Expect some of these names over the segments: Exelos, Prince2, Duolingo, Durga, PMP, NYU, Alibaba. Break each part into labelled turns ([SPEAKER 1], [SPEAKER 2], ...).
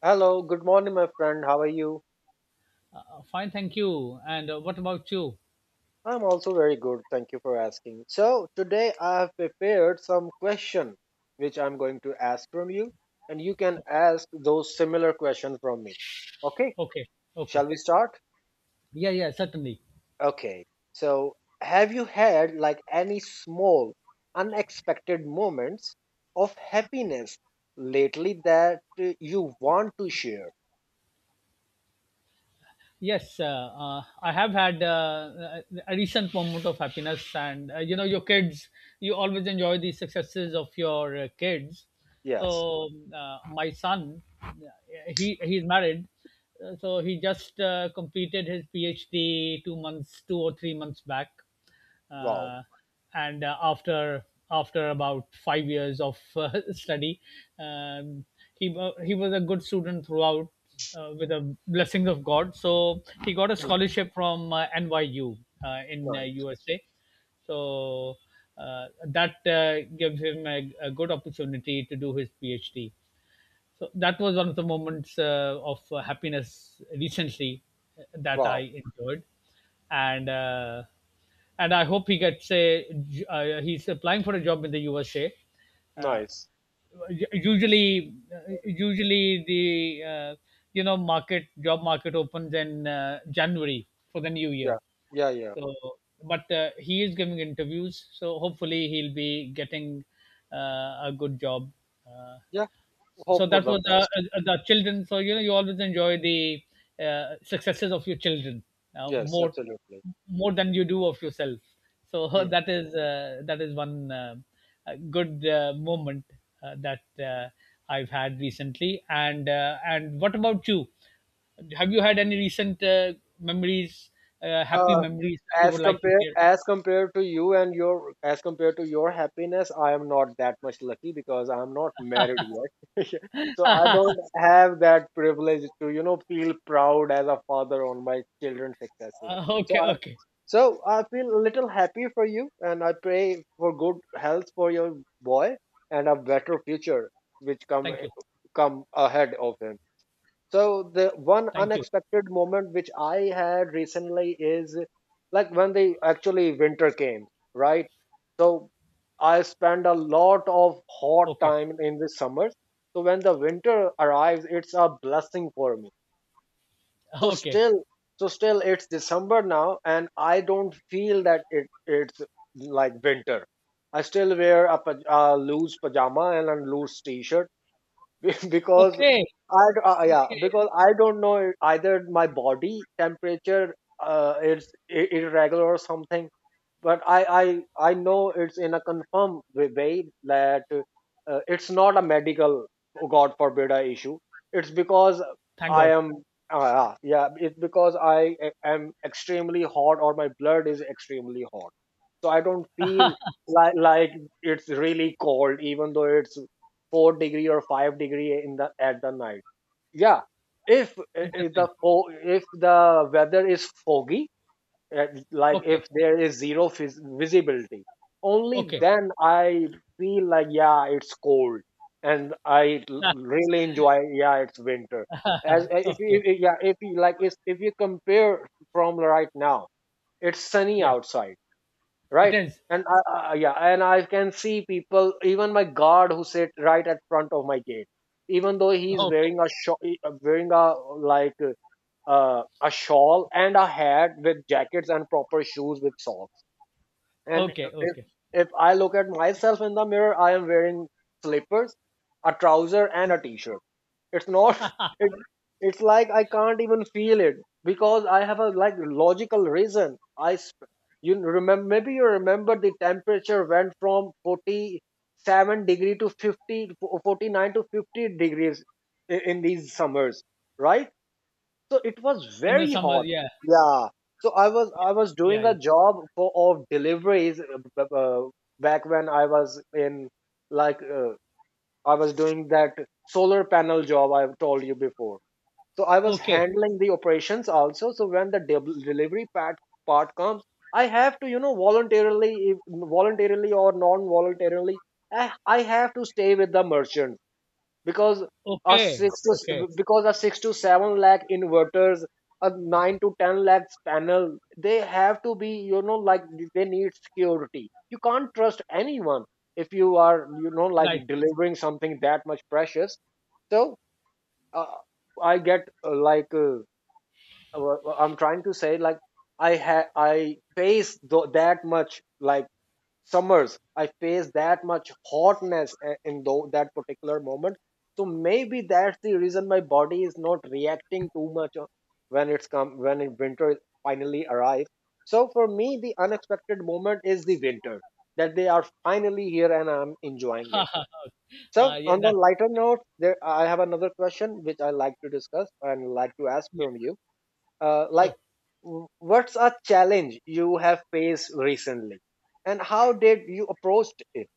[SPEAKER 1] Hello, good morning, my friend. How are you?
[SPEAKER 2] Fine, thank you. And what about you?
[SPEAKER 1] I'm also very good. Thank you for asking. So, today I have prepared some question which I'm going to ask from you, and you can
[SPEAKER 2] Okay,
[SPEAKER 1] ask those similar questions from me. Okay,
[SPEAKER 2] okay, okay.
[SPEAKER 1] shall we start?
[SPEAKER 2] Yeah, yeah, certainly.
[SPEAKER 1] Okay. So, have you had like any small, unexpected moments of happiness lately that you want to share?
[SPEAKER 2] Yes, I have had a recent moment of happiness, and your kids. You always enjoy the successes of your kids.
[SPEAKER 1] Yes.
[SPEAKER 2] So my son, he's married. So he just completed his PhD 2 months, 2 or 3 months back.
[SPEAKER 1] Wow.
[SPEAKER 2] Uh, and After about 5 years of study. um, he was a good student throughout, with the blessings of God. So he got a
[SPEAKER 1] Hmm.
[SPEAKER 2] scholarship from NYU, in
[SPEAKER 1] Nice.
[SPEAKER 2] USA. So that gives him a good opportunity to do his PhD. So that was one of the moments of happiness recently that
[SPEAKER 1] Wow.
[SPEAKER 2] I enjoyed, and uh, and I hope he gets he's applying for a job in the USA. Uh,
[SPEAKER 1] Nice.
[SPEAKER 2] Usually the uh, market, job market, opens in January for the new year.
[SPEAKER 1] Yeah. Yeah. Yeah.
[SPEAKER 2] So, but he is giving interviews, so hopefully he'll be getting a good job. Uh,
[SPEAKER 1] Yeah. Hope
[SPEAKER 2] so
[SPEAKER 1] for
[SPEAKER 2] that
[SPEAKER 1] the
[SPEAKER 2] was
[SPEAKER 1] best.
[SPEAKER 2] The children, so you know you always enjoy the successes of your children uh,
[SPEAKER 1] Yes,
[SPEAKER 2] more
[SPEAKER 1] absolutely.
[SPEAKER 2] more than you do of yourself. So
[SPEAKER 1] Hmm.
[SPEAKER 2] that is one good moment that uh, I've had recently. And and what about you? Have you had any recent memories happy
[SPEAKER 1] Uh,
[SPEAKER 2] memories that you
[SPEAKER 1] as
[SPEAKER 2] would like to
[SPEAKER 1] compared
[SPEAKER 2] share?
[SPEAKER 1] as compared to you and your as compared to your happiness, I am not that much lucky because I am not married yet. So I don't have that privilege to feel proud as a father on my children's successes. So
[SPEAKER 2] Okay,
[SPEAKER 1] I,
[SPEAKER 2] okay.
[SPEAKER 1] so I feel a little happy for you, and I pray for good health for your boy and a better future which come
[SPEAKER 2] Thank you.
[SPEAKER 1] come ahead of him. So the one
[SPEAKER 2] Thank you.
[SPEAKER 1] unexpected moment which I had recently is like when the actually winter came, right? So I spend a lot of hot
[SPEAKER 2] Okay.
[SPEAKER 1] time in the summers. So when the winter arrives, it's a blessing for me. So
[SPEAKER 2] Okay,
[SPEAKER 1] still, so still, it's December now, and I don't feel that it's like winter. I still wear a, a loose pajama and a loose t-shirt because
[SPEAKER 2] okay,
[SPEAKER 1] yeah,
[SPEAKER 2] okay.
[SPEAKER 1] because I don't know, either my body temperature is irregular or something, but I know it's in a confirmed way that it's not a medical, oh, God forbid, a issue, it's because
[SPEAKER 2] Thank
[SPEAKER 1] I
[SPEAKER 2] God.
[SPEAKER 1] am yeah, yeah, it's because I am extremely hot, or my blood is extremely hot, so I don't feel like it's really cold even though it's 4 degree or 5 degree in the at the night. Yeah, if, if the
[SPEAKER 2] Interesting.
[SPEAKER 1] fo- if the weather is foggy, uh, like
[SPEAKER 2] Okay.
[SPEAKER 1] if there is zero visibility, only
[SPEAKER 2] Okay.
[SPEAKER 1] then I feel like, yeah, it's cold, and really enjoy, yeah, it's winter. As eh, if you,
[SPEAKER 2] Okay.
[SPEAKER 1] if- yeah, if you like if you compare from right now, it's sunny
[SPEAKER 2] Yeah.
[SPEAKER 1] outside,
[SPEAKER 2] It
[SPEAKER 1] right,
[SPEAKER 2] is.
[SPEAKER 1] and yeah, and I can see people, even my guard who sit right at front of my gate, even though he's
[SPEAKER 2] Okay.
[SPEAKER 1] wearing a shawl wearing a like uh, a shawl and a hat with jackets and proper shoes with socks, and
[SPEAKER 2] Okay.
[SPEAKER 1] if,
[SPEAKER 2] Okay.
[SPEAKER 1] if I look at myself in the mirror, I am wearing slippers, a trouser and a t-shirt. It's not it, it's like I can't even feel it, because I have a like logical reason. I sp- you remember maybe you remember the temperature went from 47 degree to 49 to 50 degrees in these summers, right? So it was
[SPEAKER 2] In the
[SPEAKER 1] very
[SPEAKER 2] summer.
[SPEAKER 1] hot.
[SPEAKER 2] Yeah.
[SPEAKER 1] Yeah, so I was
[SPEAKER 2] Yeah,
[SPEAKER 1] doing a
[SPEAKER 2] yeah.
[SPEAKER 1] job for of deliveries, back when like uh, I was doing that solar panel job I've told you before. So I was
[SPEAKER 2] Okay.
[SPEAKER 1] handling the operations also. So when the delivery part comes, I have to, voluntarily, voluntarily or non-voluntarily, I have to stay with the merchant, because a
[SPEAKER 2] Okay.
[SPEAKER 1] six
[SPEAKER 2] Okay.
[SPEAKER 1] to because a 6 to 7 lakh inverters, a 9 to 10 lakhs panel, they have to be, like, they need security. You can't trust anyone if you are, like,
[SPEAKER 2] Right.
[SPEAKER 1] delivering something that much precious. So, uh, I get, I'm trying to say, like, I face that much, like, summers I face that much hotness in though that particular moment. So maybe that's the reason my body is not reacting too much when it's come when it- winter finally arrives, so for me the unexpected moment is the winter, that they are finally here and I'm enjoying it.
[SPEAKER 2] uh,
[SPEAKER 1] So,
[SPEAKER 2] yeah.
[SPEAKER 1] on the
[SPEAKER 2] That.
[SPEAKER 1] lighter note there, I have another question which I like to discuss and like to ask
[SPEAKER 2] Yeah.
[SPEAKER 1] from you. uh, like
[SPEAKER 2] Sure.
[SPEAKER 1] w- what's a challenge you have faced recently, and how did you approached it?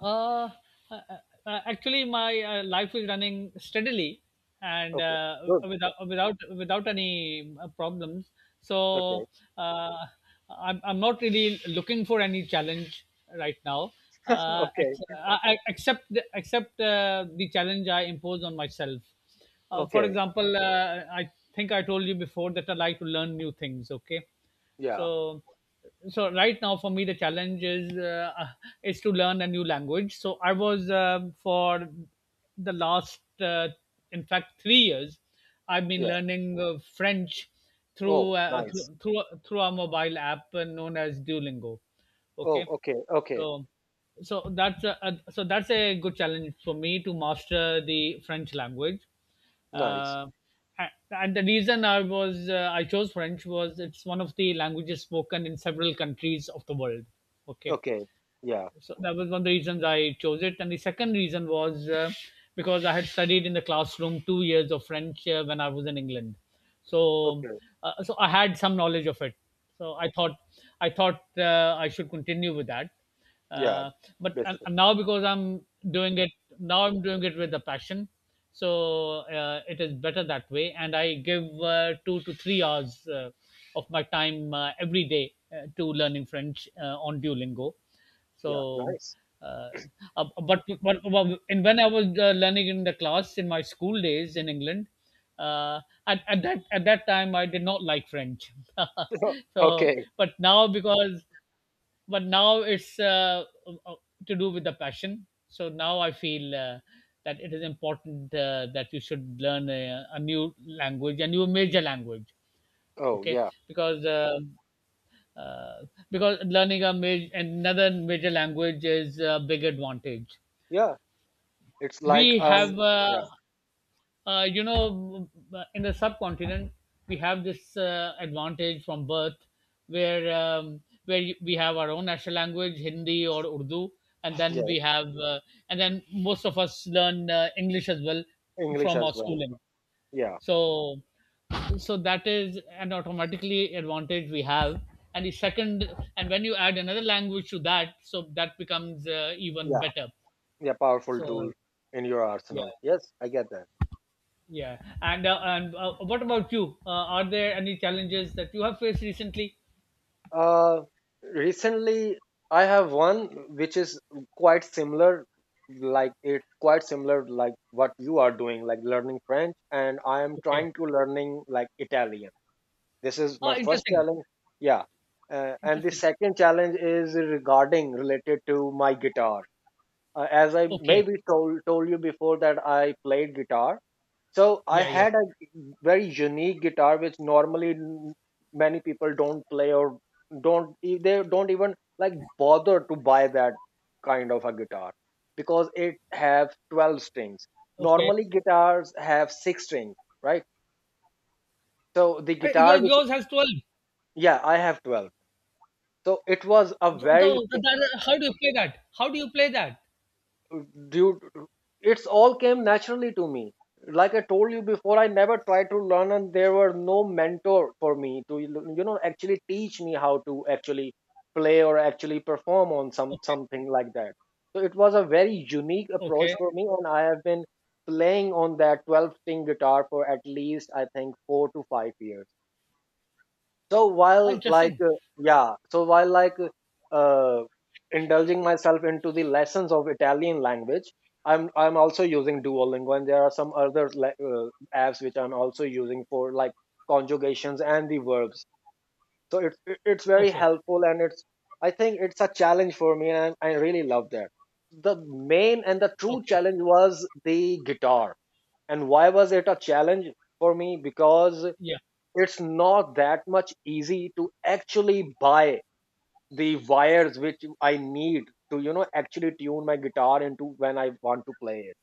[SPEAKER 2] Uh, uh, uh, Actually, my life is running steadily, and
[SPEAKER 1] Okay, good.
[SPEAKER 2] without any problems. So
[SPEAKER 1] Okay.
[SPEAKER 2] uh, I'm not really looking for any challenge right now,
[SPEAKER 1] Okay.
[SPEAKER 2] except except the challenge I impose on myself. For
[SPEAKER 1] Okay.
[SPEAKER 2] example, I think I told you before that I like to learn new things. Okay,
[SPEAKER 1] Yeah.
[SPEAKER 2] so right now for me the challenge is is to learn a new language. So I was for the last in fact 3 years I've been
[SPEAKER 1] Yeah.
[SPEAKER 2] learning French through,
[SPEAKER 1] Oh, nice.
[SPEAKER 2] through a mobile app known as Duolingo.
[SPEAKER 1] Oh,
[SPEAKER 2] Okay,
[SPEAKER 1] okay. Okay.
[SPEAKER 2] so that's a so that's a good challenge for me to master the French language.
[SPEAKER 1] Nice.
[SPEAKER 2] uh, and the reason I was I chose French was it's one of the languages spoken in several countries of the world. Okay,
[SPEAKER 1] Okay. Yeah.
[SPEAKER 2] so that was one of the reasons I chose it. And the second reason was because I had studied in the classroom 2 years of French when I was in England, so
[SPEAKER 1] Okay.
[SPEAKER 2] so I had some knowledge of it. So I thought I should continue with that.
[SPEAKER 1] Yeah.
[SPEAKER 2] Uh, but
[SPEAKER 1] Basically,
[SPEAKER 2] and now because I'm doing it now, I'm doing it with a passion. So it is better that way, and I give 2 to 3 hours of my time every day to learning French on Duolingo.
[SPEAKER 1] yeah.
[SPEAKER 2] So,
[SPEAKER 1] Nice.
[SPEAKER 2] uh, but and when I was learning in the class in my school days in England, uh, at that time I did not like French. So,
[SPEAKER 1] Okay.
[SPEAKER 2] but now because, but now it's uh, to do with the passion. So now I feel that it is important that you should learn a new language, a new major language.
[SPEAKER 1] Oh,
[SPEAKER 2] Okay,
[SPEAKER 1] yeah,
[SPEAKER 2] because. Uh, because learning a major, another major language is a big advantage.
[SPEAKER 1] yeah, it's like,
[SPEAKER 2] We have,
[SPEAKER 1] yeah,
[SPEAKER 2] you know, in the subcontinent, we have this advantage from birth, where um, where we have our own national language, Hindi or Urdu, and then
[SPEAKER 1] yeah.
[SPEAKER 2] we have, and then most of us learn English as well
[SPEAKER 1] English
[SPEAKER 2] from
[SPEAKER 1] as
[SPEAKER 2] our
[SPEAKER 1] well.
[SPEAKER 2] schooling.
[SPEAKER 1] Yeah,
[SPEAKER 2] So that is an automatically advantage we have. And the second, and when you add another language to that, so that becomes even
[SPEAKER 1] yeah,
[SPEAKER 2] better.
[SPEAKER 1] yeah, powerful tool
[SPEAKER 2] So
[SPEAKER 1] in your
[SPEAKER 2] yeah,
[SPEAKER 1] arsenal. Yes, I get that.
[SPEAKER 2] yeah. And what about you? Are there any challenges that you have faced recently?
[SPEAKER 1] Uh, Recently, I have one which is quite similar, like it's quite similar like what you are doing, like learning French, and I am
[SPEAKER 2] Okay.
[SPEAKER 1] trying to learning like Italian. This is
[SPEAKER 2] Oh,
[SPEAKER 1] my first
[SPEAKER 2] interesting,
[SPEAKER 1] challenge. Yeah, and the
[SPEAKER 2] interesting.
[SPEAKER 1] second challenge is regarding related to my guitar. As I
[SPEAKER 2] Okay.
[SPEAKER 1] maybe told you before that I played guitar, so I
[SPEAKER 2] Yeah, yeah.
[SPEAKER 1] had a very unique guitar, which normally, many people don't play, or don't e- they don't even like bother to buy that kind of a guitar because it have 12 strings.
[SPEAKER 2] Okay.
[SPEAKER 1] Normally guitars have six strings, right? So the
[SPEAKER 2] Your,
[SPEAKER 1] guitar which
[SPEAKER 2] yours has 12?
[SPEAKER 1] Yeah, I have 12. So it was a very
[SPEAKER 2] So that, how do you play that? how do you play that
[SPEAKER 1] due It's all came naturally to me, like I told you before. I never tried to learn, and there were no mentor for me to, actually teach me how to actually play or actually perform on
[SPEAKER 2] okay.
[SPEAKER 1] something like that. So it was a very unique approach
[SPEAKER 2] Okay.
[SPEAKER 1] for me, and I have been playing on that 12 string guitar for at least I think 4 to 5 years. So
[SPEAKER 2] Oh,
[SPEAKER 1] while,
[SPEAKER 2] interesting.
[SPEAKER 1] uh, indulging myself into the lessons of Italian language, I'm also using Duolingo, and there are some other uh, apps which I'm also using for, like, conjugations and the verbs. So it's very
[SPEAKER 2] Okay.
[SPEAKER 1] helpful, and it's I think it's a challenge for me, and I really love that. The main and the true
[SPEAKER 2] Okay.
[SPEAKER 1] challenge was the guitar. And why was it a challenge for me? Because
[SPEAKER 2] Yeah.
[SPEAKER 1] it's not that much easy to actually buy the wires which I need to, actually tune my guitar into when I want to play it.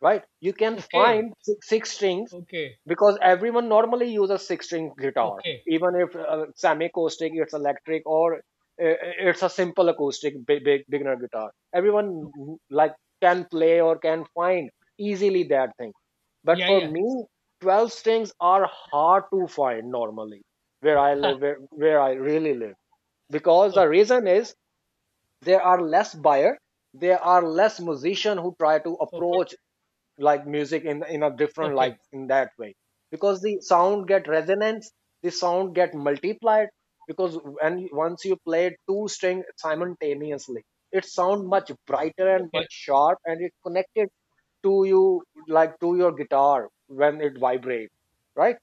[SPEAKER 1] Right? You can
[SPEAKER 2] Okay.
[SPEAKER 1] find six strings
[SPEAKER 2] Okay,
[SPEAKER 1] because everyone normally uses six string guitar,
[SPEAKER 2] okay.
[SPEAKER 1] even if, semi acoustic, it's electric, or, it's a simple acoustic, big, big beginner guitar, everyone, like, can play or can find easily that thing. But
[SPEAKER 2] Yeah,
[SPEAKER 1] for
[SPEAKER 2] yeah.
[SPEAKER 1] me, 12 strings are hard to find, normally, where I live, where I really live, because the reason is there are less buyer, there are less musician who try to
[SPEAKER 2] Okay,
[SPEAKER 1] approach, like, music in a different, like,
[SPEAKER 2] okay,
[SPEAKER 1] in that way, because the sound get resonance, the sound get multiplied, because once you play two string simultaneously, it sound much brighter and
[SPEAKER 2] okay,
[SPEAKER 1] much sharp, and it connected to you, like, to your guitar, when it vibrates, right?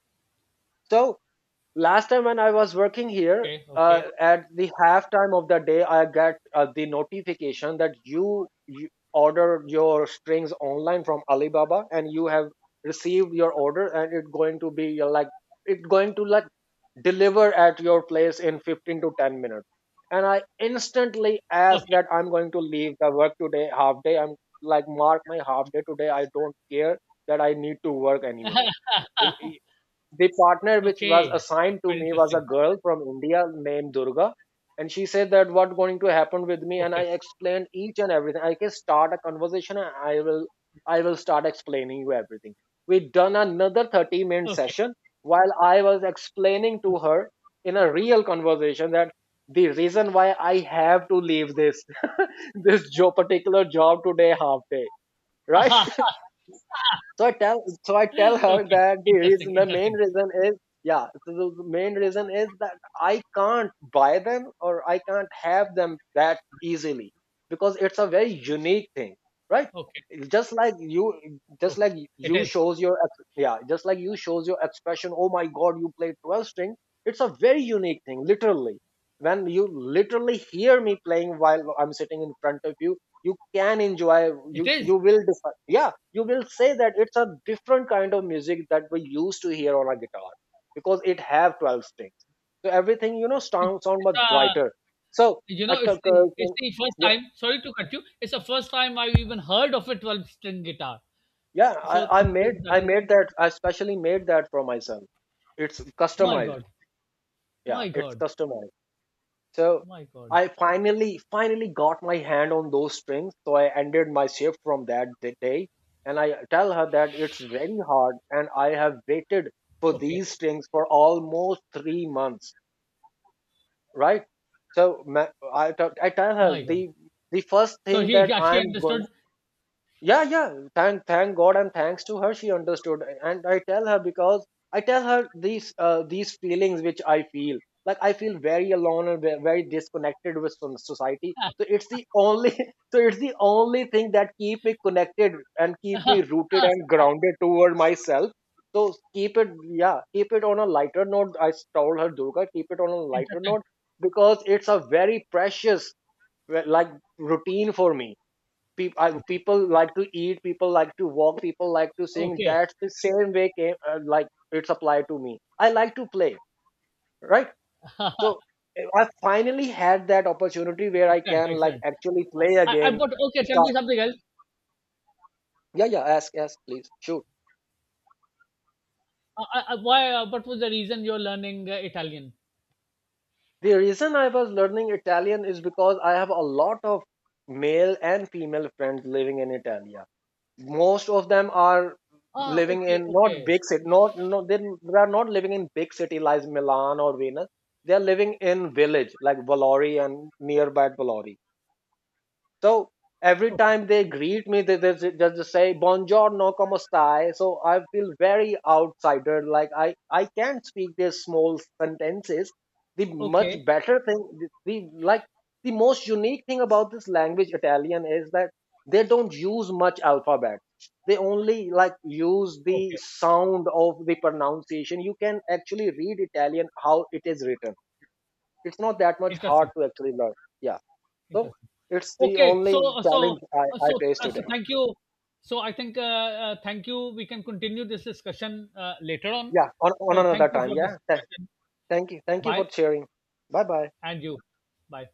[SPEAKER 1] So, last time when I was working here,
[SPEAKER 2] okay, okay, okay,
[SPEAKER 1] at the halftime of the day, I get, the notification that you order your strings online from Alibaba, and you have received your order, and it's going to be, like it's going to like deliver at your place in 15 to 10 minutes. And I instantly ask
[SPEAKER 2] okay.
[SPEAKER 1] that I'm going to leave the work today, half day. I'm like, mark my half day today. I don't care that I need to work anymore. Oh, the partner which was
[SPEAKER 2] Okay.
[SPEAKER 1] assigned to
[SPEAKER 2] Very
[SPEAKER 1] me was a
[SPEAKER 2] interesting.
[SPEAKER 1] girl from India named Durga. And she said that what going to happen with me, and I
[SPEAKER 2] Okay,
[SPEAKER 1] explained each and everything. I can start a conversation, and I will start explaining you everything. We done another 30-minute
[SPEAKER 2] okay,
[SPEAKER 1] session while I was explaining to
[SPEAKER 2] okay.
[SPEAKER 1] her in a real conversation that the reason why I have to leave this this job particular job today, half day, right?
[SPEAKER 2] Aha.
[SPEAKER 1] So I tell her
[SPEAKER 2] Okay,
[SPEAKER 1] that
[SPEAKER 2] interesting,
[SPEAKER 1] the main
[SPEAKER 2] interesting.
[SPEAKER 1] reason is, yeah, so the main reason is that I can't buy them, or I can't have them that easily, because it's a very unique thing, right?
[SPEAKER 2] Okay,
[SPEAKER 1] It's just
[SPEAKER 2] okay.
[SPEAKER 1] like
[SPEAKER 2] It
[SPEAKER 1] you
[SPEAKER 2] is,
[SPEAKER 1] shows your ex- yeah just like you shows your expression, "Oh my God, you play 12 string." It's a very unique thing, literally. When you literally hear me playing while I'm sitting in front of you, you can enjoy.
[SPEAKER 2] it
[SPEAKER 1] you
[SPEAKER 2] is.
[SPEAKER 1] you will differ. Yeah, you will say that it's a different kind of music that we used to hear on a guitar, because it have 12 strings, so everything, you know,
[SPEAKER 2] It's,
[SPEAKER 1] sound sound much
[SPEAKER 2] uh,
[SPEAKER 1] brighter. So,
[SPEAKER 2] you
[SPEAKER 1] i
[SPEAKER 2] know, it's
[SPEAKER 1] c-
[SPEAKER 2] the
[SPEAKER 1] c-
[SPEAKER 2] first
[SPEAKER 1] yeah,
[SPEAKER 2] time. Sorry to cut you. It's the first time I've even heard of a 12 string guitar.
[SPEAKER 1] yeah,
[SPEAKER 2] So
[SPEAKER 1] I, I made
[SPEAKER 2] that
[SPEAKER 1] i
[SPEAKER 2] is
[SPEAKER 1] made that i specially made that for myself. It's
[SPEAKER 2] my
[SPEAKER 1] customized.
[SPEAKER 2] God,
[SPEAKER 1] Yeah,
[SPEAKER 2] my
[SPEAKER 1] it's
[SPEAKER 2] God,
[SPEAKER 1] customized. So
[SPEAKER 2] my God.
[SPEAKER 1] I finally, finally got my hand on those strings. So I ended my shift from that day. And I tell her that it's very hard, and I have waited for
[SPEAKER 2] Okay,
[SPEAKER 1] these strings for almost 3 months, right? So, I tell her
[SPEAKER 2] my God.
[SPEAKER 1] the first
[SPEAKER 2] So
[SPEAKER 1] thing that
[SPEAKER 2] she actually
[SPEAKER 1] I'm going.
[SPEAKER 2] understood.
[SPEAKER 1] Yeah, yeah, thank God, and thanks to her, she understood, and I tell her, because I tell her, these feelings which I feel, like, I feel very alone and very disconnected with some society. So it's the only so it's the only thing that keep me connected and keep me rooted and grounded toward myself. So, keep it yeah, keep it on a lighter note. I told her, Durga, keep it on a lighter note, because it's a very precious, well, like, routine for me.
[SPEAKER 2] Okay,
[SPEAKER 1] People like to eat, people like to walk, people like to sing;
[SPEAKER 2] okay,
[SPEAKER 1] that's the same way came, like, it's applied to me. I like to play, right? So, I finally had that opportunity where I
[SPEAKER 2] excellent,
[SPEAKER 1] can, like,
[SPEAKER 2] excellent.
[SPEAKER 1] actually play
[SPEAKER 2] I
[SPEAKER 1] again.
[SPEAKER 2] but Okay, tell me
[SPEAKER 1] Start.
[SPEAKER 2] something else.
[SPEAKER 1] Yeah, yeah, ask, ask, please, shoot.
[SPEAKER 2] Why? What was the reason you're learning Italian?
[SPEAKER 1] The reason I was learning Italian is because I have a lot of male and female friends living in Italy. Most of them are
[SPEAKER 2] Ah,
[SPEAKER 1] living
[SPEAKER 2] okay,
[SPEAKER 1] in not
[SPEAKER 2] okay,
[SPEAKER 1] big city, not, no, they are not living in big city like Milan or Venus. They are living in village like Valori and nearby Valori. So every
[SPEAKER 2] okay,
[SPEAKER 1] time they greet me, they just say, "Buongiorno, come stai?" So I feel very outsider. Like I can't speak their small sentences. The much
[SPEAKER 2] okay,
[SPEAKER 1] better thing, the most unique thing about this language Italian is that they don't use much alphabet. They only, like, use the
[SPEAKER 2] okay.
[SPEAKER 1] sound of the pronunciation. You can actually read Italian how it is written. It's not that much hard
[SPEAKER 2] Interesting,
[SPEAKER 1] to actually learn. Yeah. So
[SPEAKER 2] interesting.
[SPEAKER 1] it's the
[SPEAKER 2] Okay, so
[SPEAKER 1] only challenge I, I face
[SPEAKER 2] so
[SPEAKER 1] today.
[SPEAKER 2] thank you. So I think thank you. We can continue this discussion later on.
[SPEAKER 1] Yeah, on
[SPEAKER 2] So thank
[SPEAKER 1] another
[SPEAKER 2] you
[SPEAKER 1] time.
[SPEAKER 2] for this
[SPEAKER 1] Yeah.
[SPEAKER 2] discussion.
[SPEAKER 1] Thank you. Thank you for
[SPEAKER 2] Bye,
[SPEAKER 1] sharing. Bye bye.
[SPEAKER 2] and you. Bye.